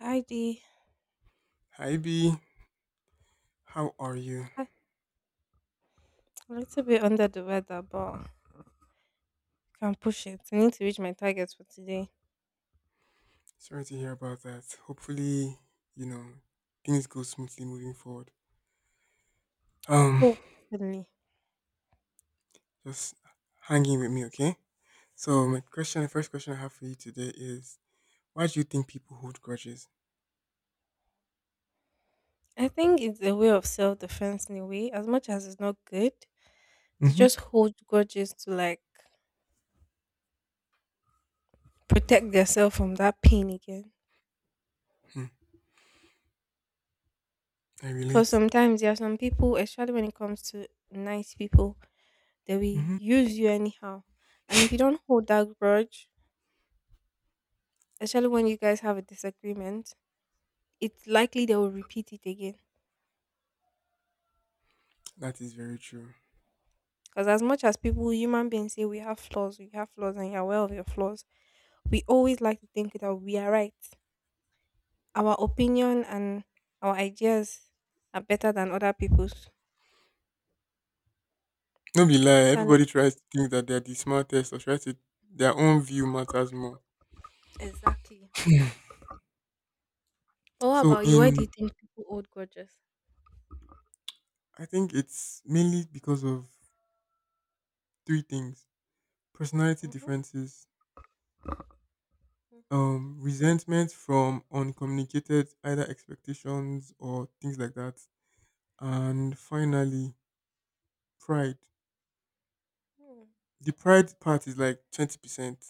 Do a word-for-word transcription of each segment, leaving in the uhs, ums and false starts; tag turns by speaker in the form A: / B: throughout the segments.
A: Heidi,
B: Hi B, how are you?
A: ah, I'm a little bit under the weather, but can push it. I need to reach my target for today.
B: Sorry to hear about that. Hopefully, you know, things go smoothly moving forward. Um,
A: Hopefully.
B: just hanging with me, okay? So my question, the first question I have for you today is, why do you think people hold grudges?
A: I think it's a way of self defense in a way. As much as it's not good, they
B: Mm-hmm.
A: just hold grudges to like protect themselves from that pain again.
B: Hmm, I
A: Because
B: relate.
A: sometimes there are some people, especially when it comes to nice people, they will
B: Mm-hmm.
A: use you anyhow. And if you don't hold that grudge, especially when you guys have a disagreement, it's likely they will repeat it again.
B: That is very true.
A: Because as much as people, human beings say we have flaws, we have flaws, and you're aware of your flaws, we always like to think that we are right. Our opinion and our ideas are better than other people's.
B: No be lie,
A: So and
B: everybody tries to think that they're the smartest or tries to their own view matters more.
A: exactly. But what
B: So
A: about you? Why do
B: in
A: you think people hold grudges?
B: I think it's mainly because of three things. Personality
A: Mm-hmm,
B: differences,
A: mm-hmm,
B: um resentment from uncommunicated either expectations or things like that, and finally pride.
A: mm,
B: The pride part is like twenty percent.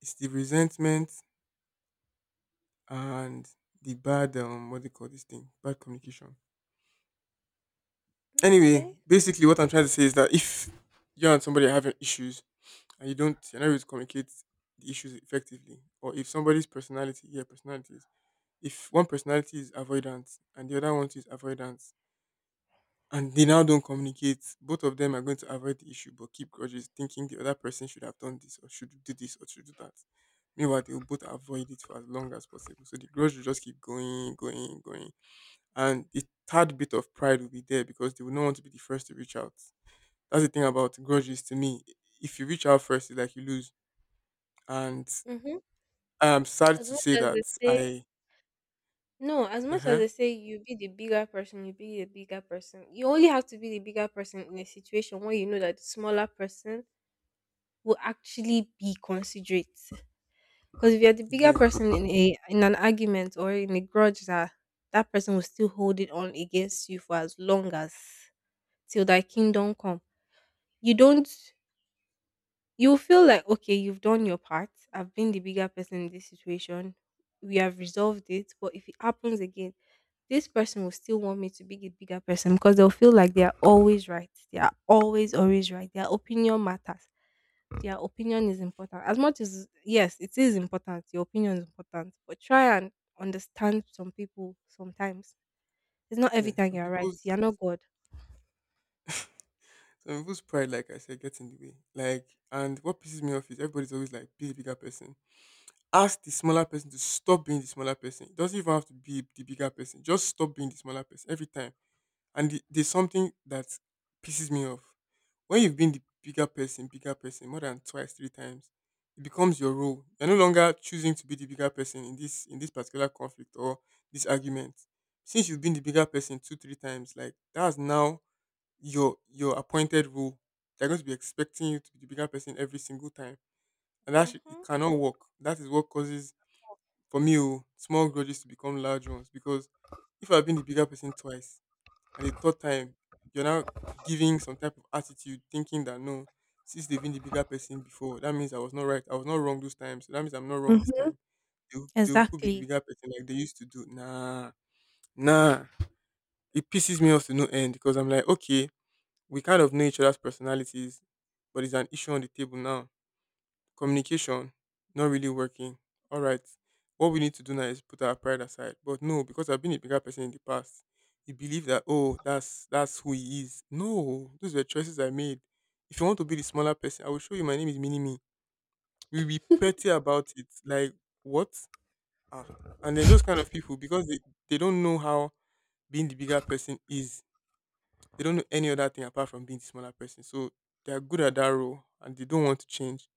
B: It's the resentment and the bad, um what do you call this thing, bad communication. Anyway,
A: okay.
B: basically what I'm trying to say is that if you and somebody are having issues and you don't you're not able to communicate the issues effectively, or if somebody's personality, yeah, personalities, if one personality is avoidant and the other one is avoidant and they now don't communicate, both of them are going to avoid the issue but keep grudges, thinking the other person should have done this or should do this or should do that. Meanwhile, they will both avoid it for as long as possible. So the grudge will just keep going, going, going. And the third bit of pride will be there because they will not want to be the first to reach out. That's the thing about grudges to me. If you reach out first, it's like you lose. And
A: Mm-hmm.
B: I'm sad
A: As
B: to
A: much
B: say
A: as they
B: that
A: say
B: I,
A: no, as
B: uh
A: much as
B: huh,
A: they say you be the bigger person, you be the bigger person. You only have to be the bigger person in a situation where you know that the smaller person will actually be considerate. Because if you're the bigger
B: yes,
A: person in a in an argument or in a grudge, that that person will still hold it on against you for as long as till thy kingdom come. You don't. You feel like okay, you've done your part. I've been the bigger person in this situation. We have resolved it. But if it happens again, this person will still want me to be the bigger person because they'll feel like they are always right. They are always always right. Their opinion matters. Your opinion is important. As much as yes, it is important. Your opinion is important, but try and understand some people sometimes. It's not every
B: yeah.
A: time
B: Some
A: you're right. You're
B: people's
A: not God.
B: Some people's pride, like I said, gets in the way. Like, and what pisses me off is everybody's always like, be the bigger person. Ask the smaller person to stop being the smaller person. It doesn't even have to be the bigger person. Just stop being the smaller person every time. And the, there's something that pisses me off. When you've been the bigger person, bigger person, more than twice, three times, it becomes your role. You're no longer choosing to be the bigger person in this in this particular conflict or this argument. Since you've been the bigger person two, three times, like that's now your your appointed role. They're going to be expecting you to be the bigger person every single time, and that should, it
A: Mm-hmm.
B: cannot work. That is what causes for me, oh, small grudges to become large ones because if I've been the bigger person twice and the third time you're now giving some type of attitude, thinking that no, since they've been the bigger person before, that means I was not right, I was not wrong those times, so that means I'm not wrong this
A: Mm-hmm.
B: time. They, will- they will- could be the
A: Exactly.
B: bigger person like they used to do. Nah, nah. It pisses me off to no end because I'm like, okay, we kind of know each other's personalities, but it's an issue on the table now. Communication not really working. All right, what we need to do now is put our pride aside. But no, because I've been a bigger person in the past, you believe that, oh, that's that's who he is. No, those were choices I made. If you want to be the smaller person, I will show you my name is Mini Me. We'll be petty about it. Like what? Ah, and then those kind of people, because they they don't know how being the bigger person is, they don't know any other thing apart from being the smaller person. So they're good at that role and they don't want to change.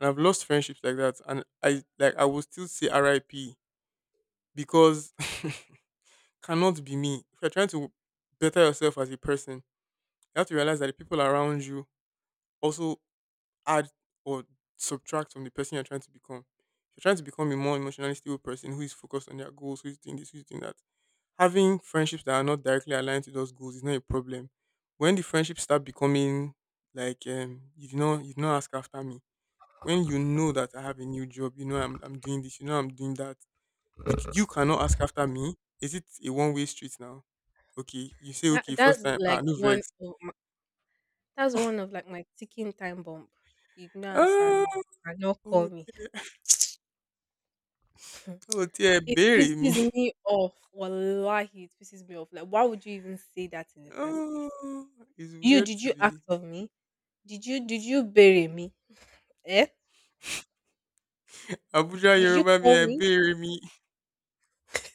B: And I've lost friendships like that. And I, like, I will still say R I P because cannot be me. If you're trying to better yourself as a person, you have to realize that the people around you also add or subtract from the person you're trying to become. If you're trying to become a more emotionally stable person who is focused on their goals, who is doing this, who is doing that, having friendships that are not directly aligned to those goals is not a problem. When the friendships start becoming like, um, you do not, you do not ask after me. When you know that I have a new job, you know I'm I'm doing this, you know I'm doing that. You d- you cannot ask after me. Is it a one way street now? Okay, you say
A: That
B: okay first
A: that's
B: time. Ah,
A: like
B: no
A: one
B: vex.
A: of my, that's one of like my ticking time bomb. You can answer
B: Ah,
A: me and not call
B: oh
A: me.
B: dear, oh dear,
A: It
B: bury me.
A: pisses me off. Wallahi, it pisses me off. Like, why would you even say that in the first place?
B: Oh, it's
A: You
B: weird
A: did
B: to
A: you ask
B: be.
A: of me? Did you did you bury me? Eh?
B: Abuja
A: Did you
B: Yoruba me
A: call
B: and
A: me?
B: bury me.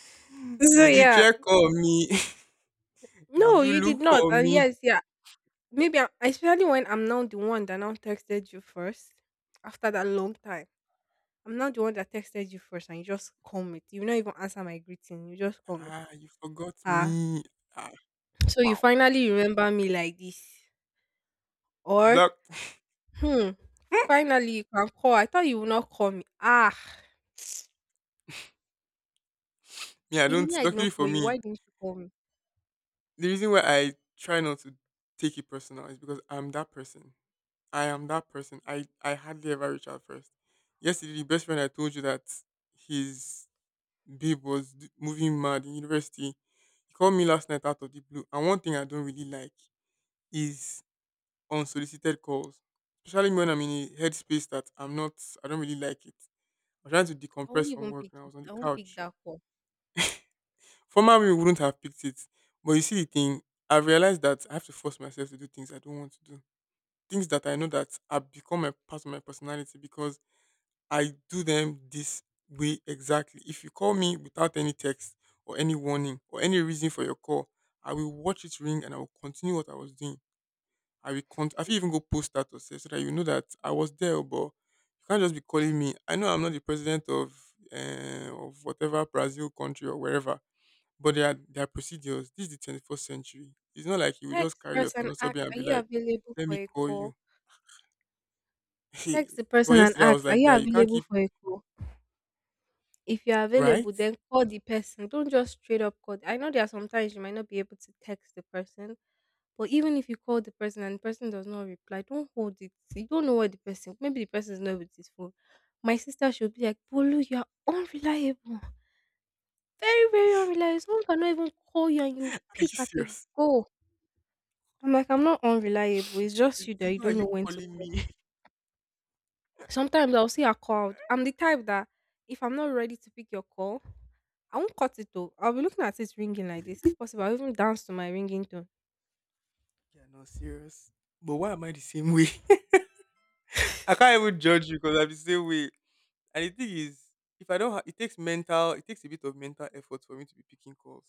A: So
B: Did you
A: yeah,
B: check on me? Did
A: no,
B: you
A: you
B: look
A: did not.
B: for
A: And
B: me?
A: yes, yeah, maybe I, especially when I'm now the one that now texted you first after that long time. I'm not the one that texted you first, and you just come it. You not even answer my greeting. You just come it.
B: Ah, you forgot
A: Ah,
B: me. Ah,
A: so you
B: wow.
A: finally remember me like this, or
B: Black.
A: hmm. Finally, you can call. I thought you would not call me. Ah.
B: Me, I
A: If me,
B: don't.
A: I did
B: Luckily
A: not
B: for
A: call you.
B: me,
A: Why didn't you call me?
B: the reason why I try not to take it personal is because I'm that person. I am that person. I I hardly ever reach out first. Yesterday, the best friend I told you that his babe was d- moving mad in university. He called me last night out of the blue. And one thing I don't really like is unsolicited calls, especially when I'm in a headspace that I'm not, I don't really like it. I'm trying to
A: I won't
B: decompress from
A: even
B: work
A: pick
B: and I
A: it.
B: was on the
A: I won't pick
B: couch.
A: that call.
B: Former me wouldn't have picked it, but you see the thing, I realized that I have to force myself to do things I don't want to do, things that I know that have become a part of my personality because I do them this way exactly. If you call me without any text or any warning or any reason for your call, I will watch it ring and I will continue what I was doing. I will con- I feel even go post status sef so that you know that I was there, oh, but you can't just be calling me. I know I'm not the president of, uh, of whatever Brazil country or wherever, but there are there are procedures. This is the twenty-first century. It's not like you will just
A: Text
B: carry your
A: person ask,
B: tonosobi and
A: are
B: be
A: you
B: like,
A: available
B: "Let
A: for
B: me
A: a
B: call you."
A: call? Text the
B: But
A: person and
B: yesterday I was
A: ask, are
B: like,
A: you
B: "Guy, you can't
A: available
B: keep,
A: for a call? If you're
B: right?"
A: available, then call the person. Don't just straight up call. I know there are sometimes you might not be able to text the person, but even if you call the person and the person does not reply, don't hold it. You don't know what the person. Maybe the person is not with his phone. My sister should be like, Bolu, you are unreliable. Very, very unreliable. Someone cannot even call you and you
B: Are you
A: pick at a
B: serious?
A: go. I'm like, I'm not unreliable. It's just you that you
B: Continue, are
A: don't know
B: you
A: when to
B: calling
A: call.
B: me?
A: Sometimes I'll see a call. I'm the type that if I'm not ready to pick your call, I won't cut it though. I'll be looking at it ringing like this. If possible, I'll even dance to my ringing tone.
B: You're not serious. But why am I the same way? I can't even judge you because I'm the same way. And the thing is, if I don't, ha- it takes mental, it takes a bit of mental effort for me to be picking calls.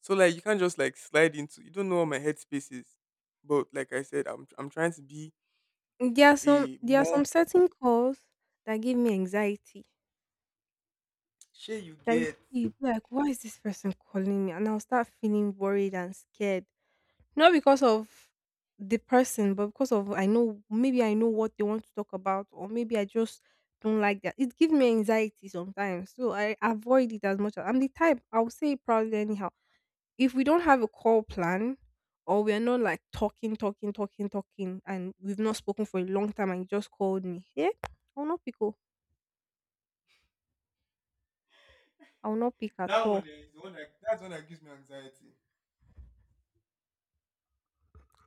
B: So like, you can't just like slide into. You don't know what my headspace is. But like I said, I'm I'm trying to be
A: There are some
B: a
A: there are
B: more.
A: some certain calls that give me anxiety.
B: Sure, you
A: That you
B: get
A: see, you be like, why is this person calling me? And I'll start feeling worried and scared. Not because of the person, but because of I know maybe I know what they want to talk about, or maybe I just don't like that. It gives me anxiety sometimes. So I avoid it as much as I'm the type, I'll say it proudly anyhow. If we don't have a call plan or we are not like talking, talking, talking, talking, and we've not spoken for a long time and you just called me, yeah, I'll not pick up. I'll not pick at
B: that one.
A: all.
B: Eh, is the one that, that's one that gives me anxiety.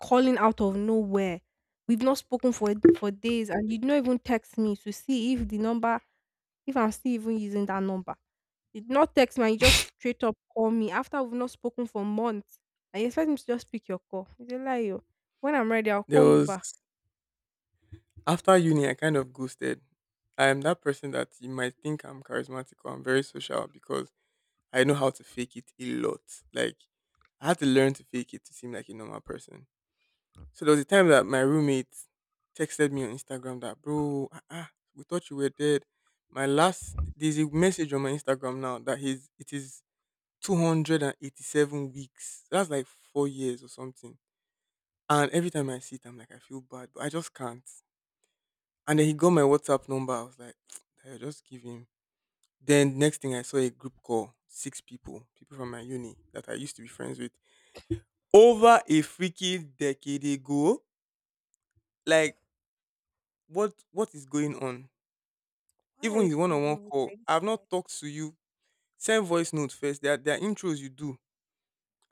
A: Calling out of nowhere. We've not spoken for for days, and you'd not even text me to see if the number, if I'm still even using that number. You'd not text me, and you just straight up call me after we've not spoken for months. And you expect me to just pick your call. It's a lie, yo. When I'm ready, I'll
B: There
A: call you
B: was,
A: back.
B: after uni, I kind of ghosted. I am that person that you might think I'm charismatic or I'm very social because I know how to fake it a lot. Like, I had to learn to fake it to seem like a normal person. So there was a time that my roommate texted me on Instagram that, bro, uh we thought you were dead. My last, there's a message on my Instagram now that he's, it is two hundred eighty-seven weeks. That's like four years or something. And every time I see it, I'm like, I feel bad, but I just can't. And then he got my WhatsApp number. I was like, I just give him. Then next thing I saw a group call, six people, people from my uni that I used to be friends with, over a freaking decade ago. Like, what what is going on?
A: Why are
B: Even
A: you
B: the one-on-one
A: calling me
B: call,
A: like
B: I've not
A: this?
B: talked to you. Send voice note first. There are, there are intros you do.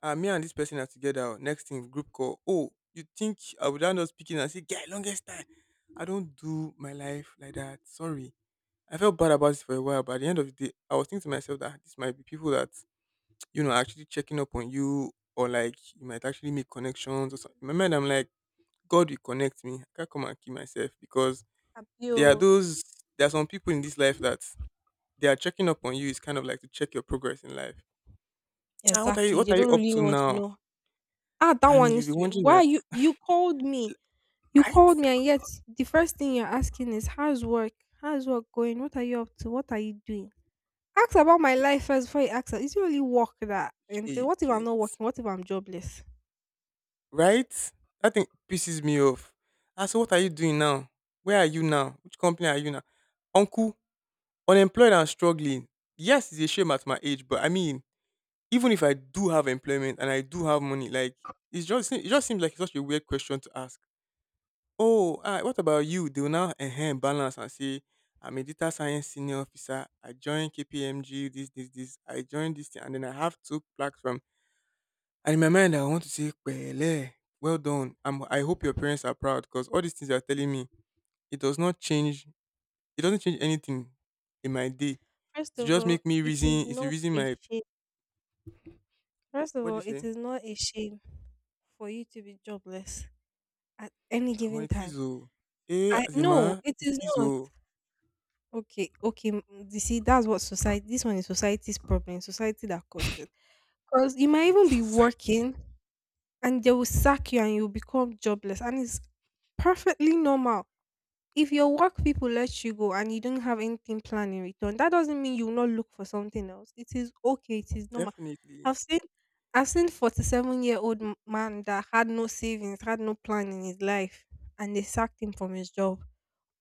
B: Ah, me and this person are together. Oh, next thing, group call. Oh, you think I would end up speaking and say, "Get longest time." I don't do my life like that. Sorry. I felt bad about this for a while, but at the end of the day, I was thinking to myself that this might be people that you know are actually checking up on you, or like you might actually make connections or something. In my mind, I'm like, God will connect me. I can't come and kill myself because there are
A: Abio.
B: those. There are some people in this life that they are checking up on you is kind of like to check your progress in life. Ah, what are you,
A: Exactly.
B: what
A: They
B: are you
A: don't
B: up
A: really
B: to
A: want to
B: now?
A: know. Ah, that
B: And
A: one
B: you'll
A: needs
B: be
A: to be.
B: wondering
A: Why
B: that,
A: you you called me? You
B: right?
A: called me, and yet the first thing you're asking is, how's work? How's work going? What are you up to? What are you doing? Ask about my life first before you ask. Is it really work that? And
B: Shey
A: then
B: you
A: what if I'm
B: get.
A: not working? What if I'm jobless?
B: Right? That thing pisses me off. Ah, so what are you doing now? Where are you now? Which company are you now? Uncle, unemployed and struggling. Yes, it's a shame at my age, but I mean, even if I do have employment and I do have money, like it's just it just seems like such a weird question to ask. Oh, ah, what about you? They will now enhance balance and say, I'm a data science senior officer. I joined K P M G, this, this, this. I joined this thing, and then I have two platform. And in my mind, I want to say, Pele, well done. I'm, I hope your parents are proud because all these things you're telling me, it does not change. It doesn't change anything in my day.
A: First
B: It
A: of
B: just
A: all,
B: make me
A: it is
B: reason. It's the
A: not
B: reason
A: a
B: my,
A: shame. First of
B: what do
A: all,
B: you
A: it
B: say?
A: is not a shame for you to be jobless at any
B: I'm
A: given
B: It is
A: time.
B: oh. Eh,
A: I no,
B: Azima,
A: it
B: it
A: is
B: is
A: not.
B: oh.
A: Okay, okay. m- You see, that's what society. This one is society's problem. Society that caused it. Because you might even be
B: It's like,
A: working, and they will sack you and you become jobless, and it's perfectly normal. If your work people let you go and you don't have anything planned in return, that doesn't mean you will not look for something else. It is okay. It is normal.
B: definitely
A: I've seen i've seen forty-seven year old m- man that had no savings, had no plan in his life, and they sacked him from his job.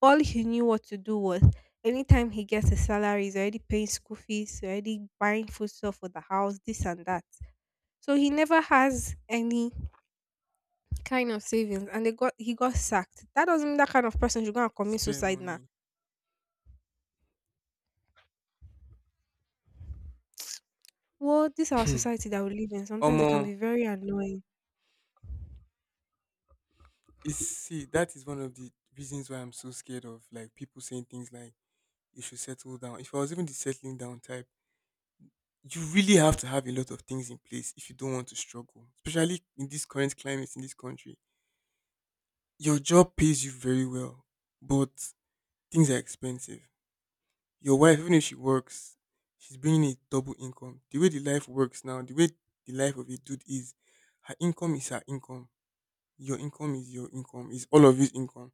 A: All he knew what to do was, anytime he gets a salary, he's already paying school fees, already buying food stuff for the house, this and that. So he never has any kind of savings, and they got he got sacked. That doesn't mean that kind of person should go and commit
B: spare
A: suicide now.
B: money.
A: Well, this our
B: Hmm.
A: society that we live in, sometimes it
B: Omo,
A: can be very annoying.
B: It's see, that is one of the reasons why I'm so scared of like people saying things like you should settle down. If I was even the settling down type, you really have to have a lot of things in place if you don't want to struggle, especially in this current climate in this country. Your job pays you very well, but things are expensive. Your wife, even if she works, she's bringing a double income. The way the life works now, the way the life of a dude is, her income is her income. Your income is your income, is all of his income.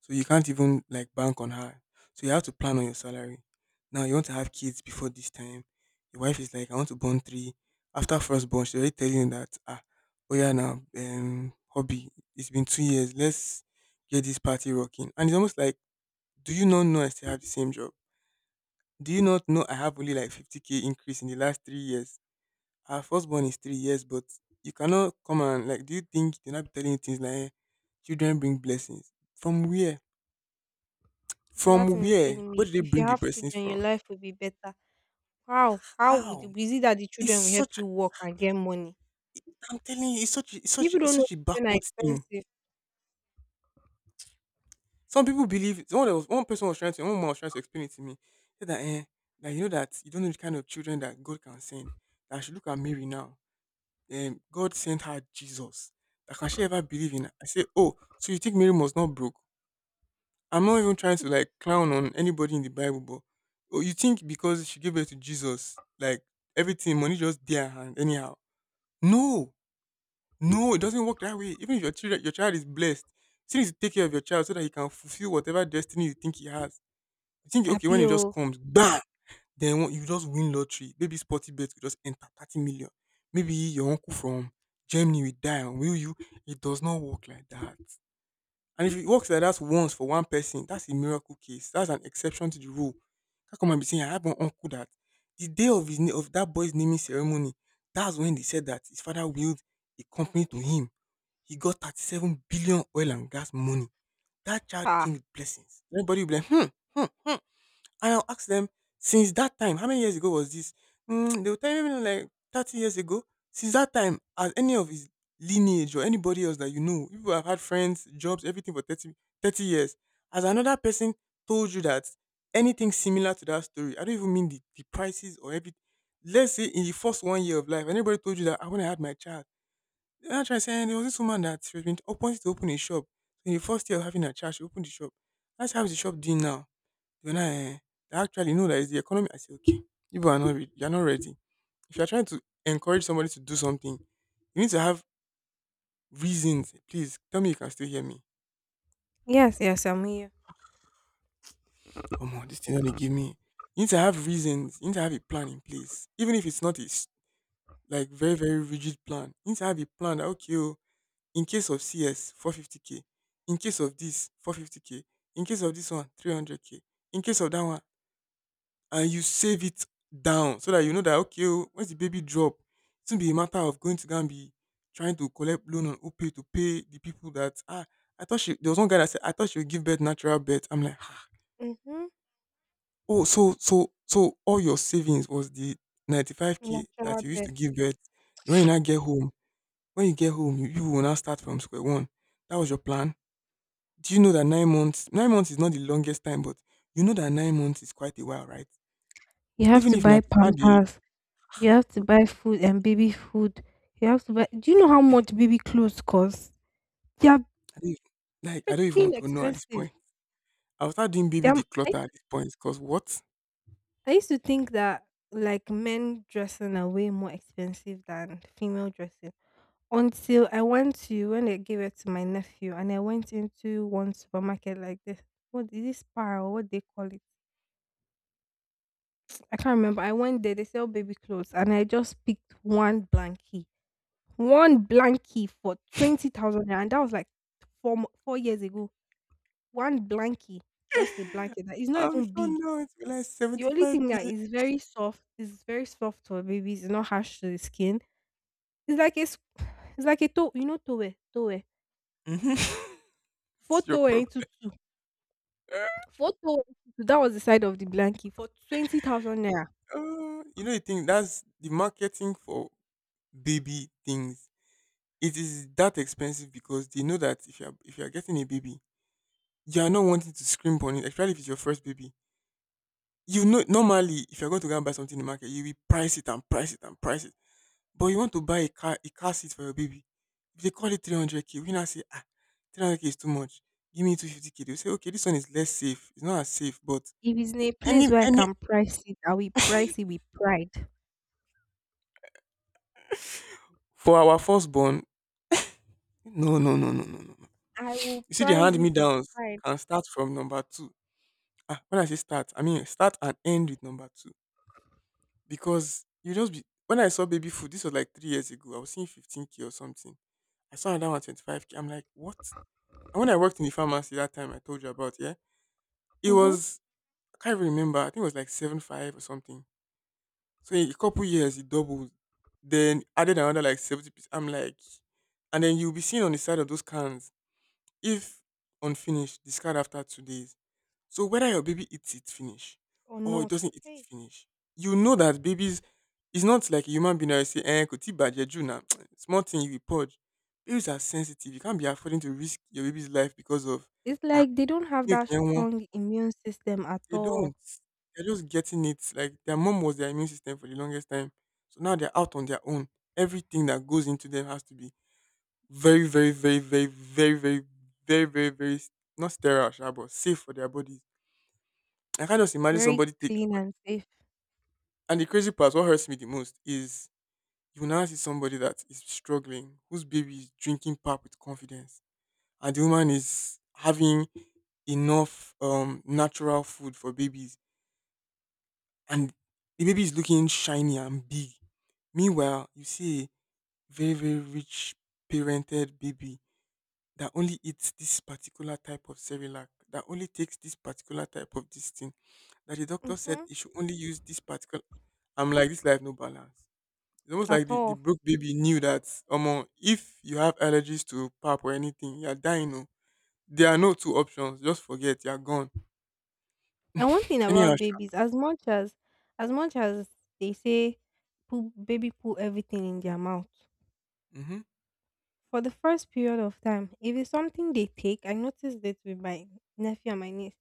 B: So you can't even like bank on her. So you have to plan on your salary. Now you want to have kids before this time. Your wife is like, I want to born three. After first born, she already telling you that ah, oh yeah now, um, hobby. It's been two years. Let's get this party rocking. And it's almost like, do you not know I still have the same job? Do you not know I have only like fifty k increase in the last three years? Her firstborn is three years, but you cannot come and like. Do you think they're not telling you things like, eh, children bring blessings? From where?
A: So that
B: From
A: thing is
B: where?
A: paining me.
B: Where do they
A: If you
B: bring the
A: have
B: blessings
A: children, your
B: from?
A: life will be better. How? How would
B: How?
A: it be? It that the
B: It's
A: children will help
B: such. A,
A: you work and get money?
B: I'm telling you, it's such. A, it's such. A,
A: People
B: it's
A: don't know,
B: such a
A: children are
B: backwards thing.
A: expensive.
B: Some people believe. One was one person was trying to. One woman was trying to explain it to me. Said that eh, that you know that you don't know the kind of children that God can send. That I should look at Mary now. Um, God sent her Jesus. That can she ever believe in? I say, oh, so you think Mary was not broke? I'm not even trying to like clown on anybody in the Bible, but oh, you think because she gave birth to Jesus, like everything, money just there and anyhow. No, no, it doesn't work that way. Even if your child, your child is blessed, you still need to take care of your child so that he can fulfill whatever destiny you think he has. You think okay when
A: Happy
B: it just
A: oh.
B: comes, bam, then what- you just win lottery. Maybe sporty bet will just enter thirty million. Maybe your uncle from Germany will die and will you? It does not work like that. And if it works like that once for one person, that's a miracle case. That's an exception to the rule. How come I be saying I have an uncle that the day of his na- of that boy's naming ceremony, that's when they said that his father willed a company to him. He got thirty-seven billion oil and gas money. That child
A: Ah.
B: came with blessings. Everybody will be like, hmm, hmm, hmm. And I'll ask them, since that time, how many years ago was this? Mm, they will tell me like thirty years ago. Since that time, has any of his lineage or anybody else that you know, people have had friends, jobs, everything for thirty, thirty years, has another person told you that anything similar to that story? I don't even mean the, the prices or everything. Let's say in the first one year of life, anybody told you that, "Ah, when I had my child," they're trying to say there was this woman that she was been open to open a shop. So in the first year of having a child, she opened the shop. That's how is the shop doing now? When I actually know that it's the economy, I say, okay, you people are not re- you're not ready. If you're trying to encourage somebody to do something, you need to have reasons. Please tell me you can still hear me.
A: Yes, yes, I'm here.
B: Oh my, this thing only give me. You need to have reasons. You need to have a plan in place, even if it's not a s- like very very rigid plan. You need to have a plan that okay, oh, in case of C S, four hundred fifty k. In case of this, four hundred fifty k. In case of this one, three hundred k. In case of that one, and you save it down so that you know that okay oh, once the baby drop, it won't be a matter of going to go and be trying to collect loan on opay to pay the people that ah I thought she there was one guy that said, I thought she would give birth natural birth. I'm like ah.
A: Mm-hmm.
B: Oh, so so so all your savings was the ninety-five k that
A: Natural
B: you used to
A: birth.
B: give birth. when you now get home when you get home, you, you will now start from square one. That was your plan. Do you know that nine months nine months is not the longest time, but you know that nine months is quite a while, right?
A: You have
B: even
A: to
B: if
A: buy
B: not to start the
A: pampers. You have to buy food and baby food. You have to buy. Do you know how much baby clothes cost? They are
B: I don't even, like I don't even want
A: freaking
B: to know at this
A: expensive.
B: point. I'll start doing baby
A: Damn, I used
B: declutter at
A: to,
B: this point because what?
A: I used to think that like men dressing are way more expensive than female dressing until I went to when they gave it to my nephew and I went into one supermarket like this. What is this par or what they call it? I can't remember. I went there, they sell baby clothes and I just picked one blankie. One blankie for twenty thousand naira, and that was like four mo- four years ago. One blankie, just a blanket that is not
B: I'm
A: even
B: sure
A: big.
B: now it's like
A: The only thing that
B: seventy-five k.
A: is very soft is very soft for babies, it's not harsh to the skin. It's like a s it's like a to you know towel towel?
B: Mhm.
A: four
B: It's your
A: towel
B: problem.
A: into two, four towel into two, that was the side of the blanket for twenty thousand naira.
B: Uh, you know the thing that's the marketing for baby things. It is that expensive because they know that if you're if you're getting a baby. You're not wanting to scrimp on it, especially if it's your first baby. You know, normally, if you're going to go and buy something in the market, you will price it and price it and price it. But you want to buy a car, a car seat for your baby. If they call it three hundred k, we now say, ah, three hundred k is too much. Give me two hundred fifty k. They'll say, okay, this one is less safe. It's not as safe, but
A: If it's in a place
B: any,
A: where I
B: any,
A: can price it, I will price it with pride.
B: for our firstborn, no, no, no, no, no, no. No.
A: I will
B: You see, the
A: price
B: hand me
A: it with
B: downs
A: pride.
B: can start from number two. Ah, when I say start, I mean start and end with number two. Because you just be when I saw baby food, this was like three years ago. I was seeing fifteen k or something. I saw another one twenty-five k. I'm like, what? And when I worked in the pharmacy that time I told you about, yeah, it
A: Mhm.
B: was I can't even remember. I think it was like seven five or something. So in a couple years it doubled. Then added another like 70 percent. I'm like, and then you'll be seeing on the side of those cans, if unfinished, discard after two days. So whether your baby eats it finish
A: Or
B: or it
A: not.
B: doesn't eat it
A: Hey,
B: finish, you know that babies, it's not like a human being that you say, eh, could bad you now. Small thing you will purge. Babies are sensitive. You can't be affording to risk your baby's life because of
A: it's
B: ah
A: like they don't have
B: milk
A: that
B: eh, won."
A: strong immune system at
B: They
A: all.
B: don't. They're just getting it. Like their mom was their immune system for the longest time. So now they're out on their own. Everything that goes into them has to be very, very, very, very, very, very, very, very, very not sterile, sha, but safe for their bodies. I can't just imagine
A: Very
B: somebody taking.
A: clean and safe.
B: And the crazy part, what hurts me the most is you now see somebody that is struggling, whose baby is drinking pap with confidence, and the woman is having enough um natural food for babies, and the baby is looking shiny and big. Meanwhile, you see a very very rich parented baby that only eats this particular type of Cerelac, that only takes this particular type of this thing, that the doctor said
A: Hmm.
B: he should only use this particular. I'm like, this life no balance. It's almost like
A: At
B: the, the
A: all.
B: broke baby knew that, Omo, if you have allergies to pap or anything, you're dying. Oh. There are no two options. Just forget, you're gone.
A: And one thing
B: Anyhow,
A: about babies, as much as as much as they say poo, baby poo everything in their mouth.
B: mm-hmm.
A: For the first period of time, if it's something they take, I noticed it with my nephew and my niece.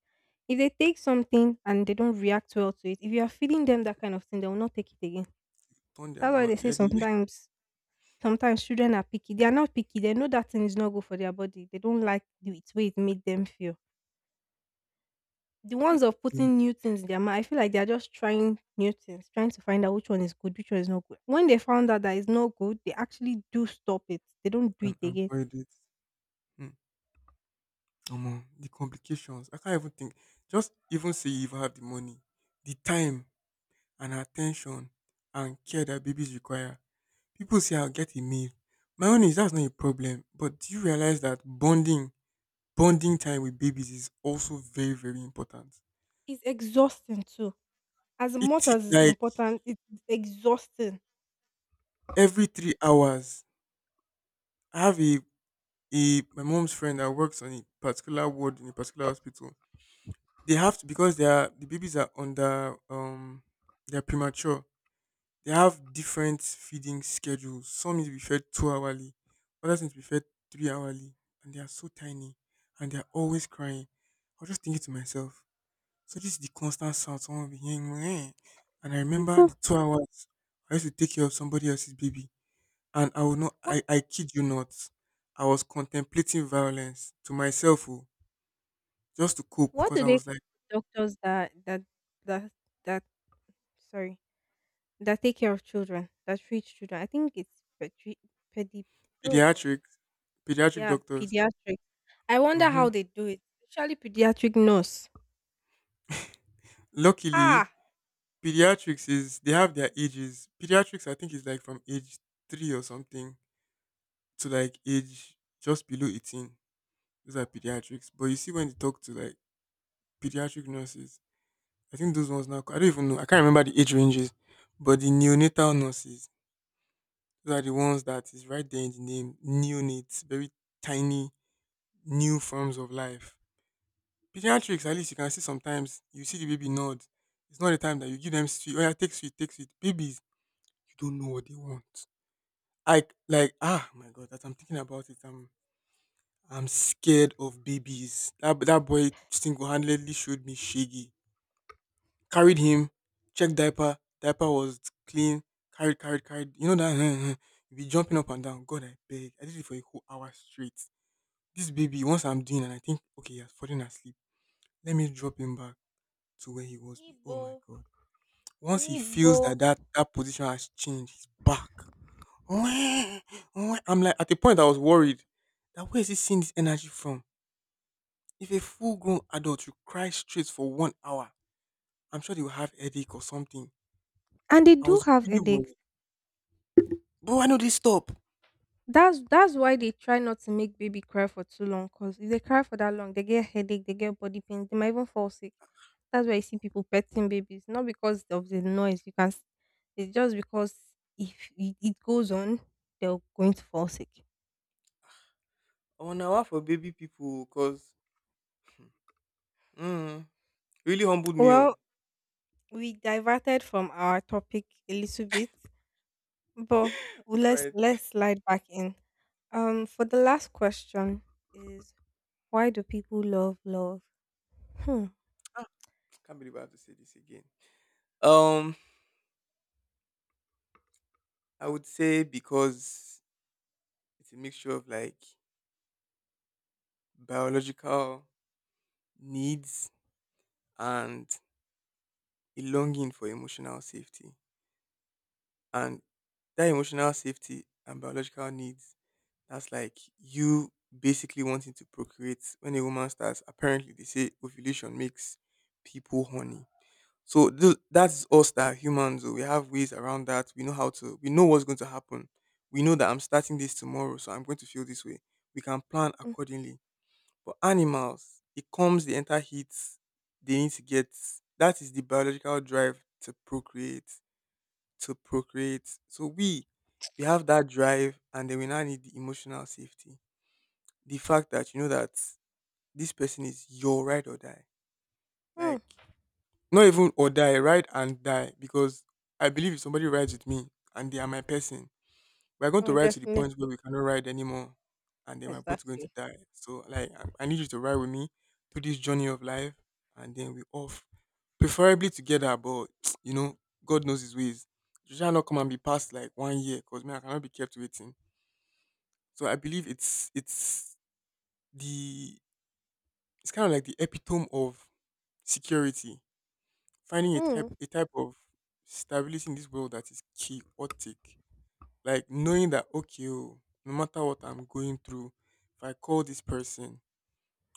A: If they take something and they don't react well to it, if you are feeding them that kind of thing, they will not take it again.
B: Turn
A: That's
B: them
A: why
B: out.
A: they say
B: Yeah, the least
A: sometimes Sometimes children are picky. They are not picky. They know that thing is not good for their body. They don't like the it- way it made them feel. The ones of
B: thing
A: putting new things in their mouth, I feel like they are just trying new things, trying to find out which one is good, which one is not good. When they found out that it's not good, they actually do stop it. They don't do
B: and
A: it again.
B: avoid it. Mm. Omo, the complications. I can't even think. Just even say you even have the money, the time and attention and care that babies require. People say I'll get a meal. My own is that's not a problem. But do you realize that bonding, bonding time with babies is also very, very important?
A: It's exhausting too. As
B: It
A: much
B: t-
A: as it's
B: like
A: important, it's exhausting.
B: every three hours. I have a, a my mom's friend that works on a particular ward in a particular hospital. They have to because they are the babies are under um they are premature. They have different feeding schedules. Some need to be fed two hourly, others need to be fed three hourly, and they are so tiny and they are always crying. I was just thinking to myself, so this is the constant sound someone will be hearing. "Meh." And I remember
A: People,
B: the two hours I used to take care of somebody else's baby. And I will not
A: what
B: I, I kid you not. I was contemplating violence to myself oh, just to cope
A: what
B: because
A: do
B: I
A: they
B: was like
A: call doctors that that that that sorry, that take care of children, that treat children. I think it's pedi, pedi oh god,
B: pediatric pediatric
A: yeah,
B: doctors.
A: pediatric. I wonder how
B: Hmm.
A: they do it, especially pediatric nurse.
B: Luckily,
A: Ha,
B: pediatrics is they have their ages. Pediatrics I think is like from age three or something to like age just below eighteen. Those are pediatrics. But you see when you talk to like pediatric nurses, I think those ones now I don't even know. I can't remember the age ranges. But the neonatal nurses, those are the ones that is right there in the name, neonates, very tiny, new forms of life. Pediatrics, at least you can see, sometimes you see the baby nod. It's not the time that you give them sweet. Oh yeah, take sweet, take sweet. Babies, you don't know what they want. I, like, ah my god, that I'm thinking about it. I'm I'm scared of babies. That that boy single handedly showed me Shaggy. Carried him, checked diaper. Diaper was clean. Carried, carried, carried. You know that. You be jumping up and down. God, I beg. I did it for a whole hour straight. This baby, once I'm doing and I think, okay, he has fallen asleep. Let me drop him back to where he was. be- Oh
A: nibo,
B: my god! Once he
A: nibo,
B: feels that that, that position has changed, he's back. Wah, wah. I'm like, at the point I was worried that where is he seeing this energy from? If a full-grown adult you cry straight for one hour, I'm sure they will have headache or something.
A: and they
B: I
A: do
B: was
A: have
B: really
A: headaches.
B: worried. But why no they stop?
A: That's that's why they try not to make baby cry for too long. Cause if they cry for that long, they get headache, they get body pains, they might even fall sick. That's why you see people petting babies, not because of the noise. You can, s- it's just because if it, it goes on, they're going to fall sick.
B: One hour for baby people, cause mm, really humbled me. Oh.
A: Well, we diverted from our topic a little bit, but
B: All
A: let's
B: right.
A: let's slide back in. Um, for the last question is, why do people love love? Hmm.
B: Ah, can't believe I have to say this again. Um, I would say because it's a mixture of like biological needs and a longing for emotional safety. And that emotional safety and biological needs, that's like you basically wanting to procreate when a woman starts. Apparently, they say ovulation makes people horny. So th-
A: Mm,
B: that's us that are humans. Oh, we have ways around that. We know how to, we know what's going to happen. We know that I'm starting this tomorrow, so I'm going to feel this way. We can plan
A: mm,
B: accordingly. But animals, it comes the entire heat they need to get. That is the biological drive to procreate, to procreate. So we, we have that drive, and then we now need the emotional safety. The fact that you know that this person is your ride or die.
A: mm.
B: Like, not even or die, ride and die. Because I believe if somebody rides with me and they are my person, we're going to
A: Oh,
B: ride to the
A: definitely.
B: point where we cannot ride anymore, and then we're both going to
A: Exactly.
B: die. So, like, I, I need you to ride with me through this journey of life, and then we off, preferably together. But you know, God knows His ways. You shall not come and be past like one year, cause man, I cannot be kept waiting. So I believe it's it's the it's kind of like the epitome of security, finding a
A: Hmm.
B: type a type of stability in this world that is chaotic. Like knowing that okay, oh, no matter what I'm going through, if I call this person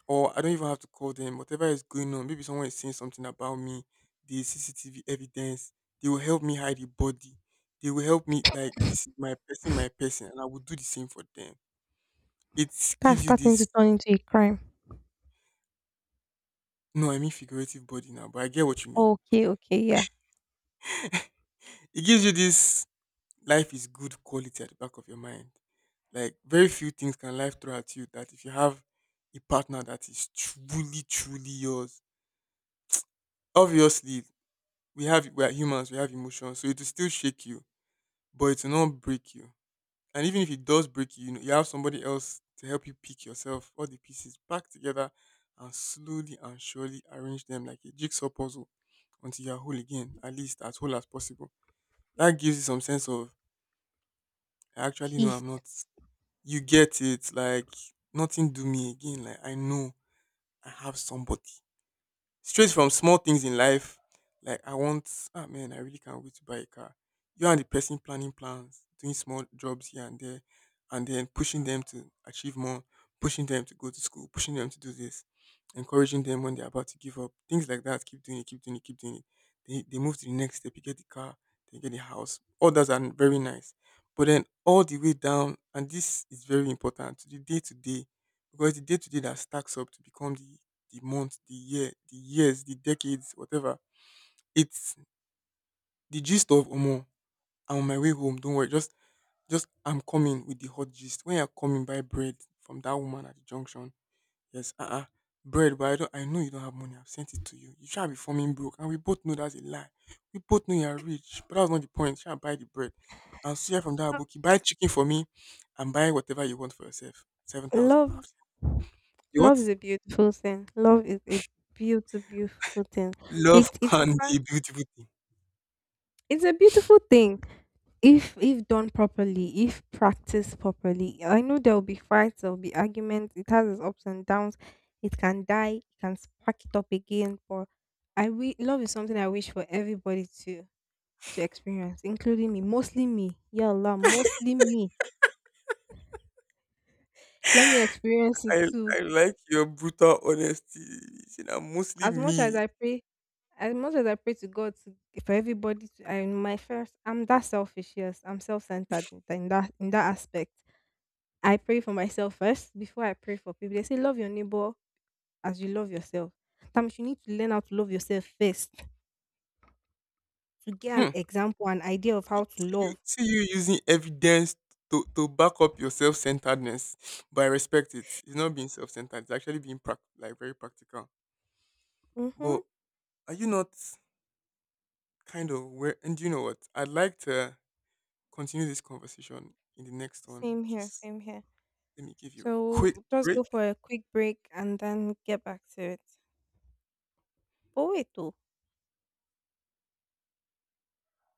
B: or I don't even have to call them, whatever is going on, maybe someone is saying something about me, the C C T V evidence, they will help me hide the body. They will help me, like, this is my person, my person, and I will do the same for them. It
A: That's
B: gives you
A: starting to
B: this,
A: turn into a crime.
B: no, I mean figurative body now, but I get what you mean.
A: Okay, okay, yeah.
B: It gives you this life is good quality at the back of your mind. Like very few things can life throw at you that if you have a partner that is truly, truly yours. Obviously, we have we are humans, we have emotions, so it will still shake you, but it will not break you. And even if it does break you, you know, you have somebody else to help you pick yourself all the pieces back together and slowly and surely arrange them like a jigsaw puzzle until you are whole again, at least as whole as possible. That gives you some sense of, I actually know I'm
A: Peace.
B: not, you get it. Like nothing do me again. Like I know I have somebody. Straight from small things in life, like I want, ah man, I really can't wait to buy a car. You and the person planning plans, doing small jobs here and there, and then pushing them to achieve more, pushing them to go to school, pushing them to do this, encouraging them when they're about to give up, things like that. Keep doing it, keep doing it, keep doing it. They, they move to the next step, you get the car, they get the house. All those are very nice. But then all the way down, and this is very important to the day to day, because the day to day that stacks up to become the the month, the year, the years, the decades, whatever. It's the gist of Omo. I'm on my way home. Don't worry. Just, just I'm coming with the hot gist. When you're coming, buy bread from that woman at the junction. Yes, uh, uh bread. But I don't. I know you don't have money. I've sent it to you. You shall be forming broke, and we both know that's a lie. We both know you're rich, but that's not the point. Shall buy the bread, and see from that
A: Uh,
B: bookie. Buy chicken for me, and buy whatever you want for yourself. Seven thousand.
A: Love,
B: You
A: love
B: What?
A: is a beautiful thing. Love is a beautiful, beautiful thing. It
B: Love
A: it
B: can be
A: requires
B: a beautiful thing.
A: it's a beautiful thing. if if done properly, if practiced properly, I know there will be fights, there will be arguments, it has its ups and downs. It can die, it can spark it up again. But I we love is something I wish for everybody to to experience, including me, mostly me. Yeah, Allah, mostly me. Let me experience it
B: I
A: too.
B: I like your brutal honesty. See, na mostly
A: As much as
B: me.
A: I pray as much as I pray to god to, for everybody to I my first I'm that selfish. Yes, I'm self-centered in that in that aspect. I pray for myself first before I pray for people. They say love your neighbor as you love yourself. Sometimes you need to learn how to love yourself first to get an
B: Hmm.
A: example, an idea of
B: See,
A: how to
B: see you
A: love.
B: see you using evidence to, to back up your self centeredness, but I respect it. It's not being self centered. It's actually being prac- like very practical.
A: Mm-hmm.
B: But are you not kind of where? And you know what? I'd like to continue this conversation in the next one.
A: Same here,
B: Just
A: same here.
B: let me give you a quick
A: So just go
B: break.
A: for a quick break and then get back to it. Oh wait, oh.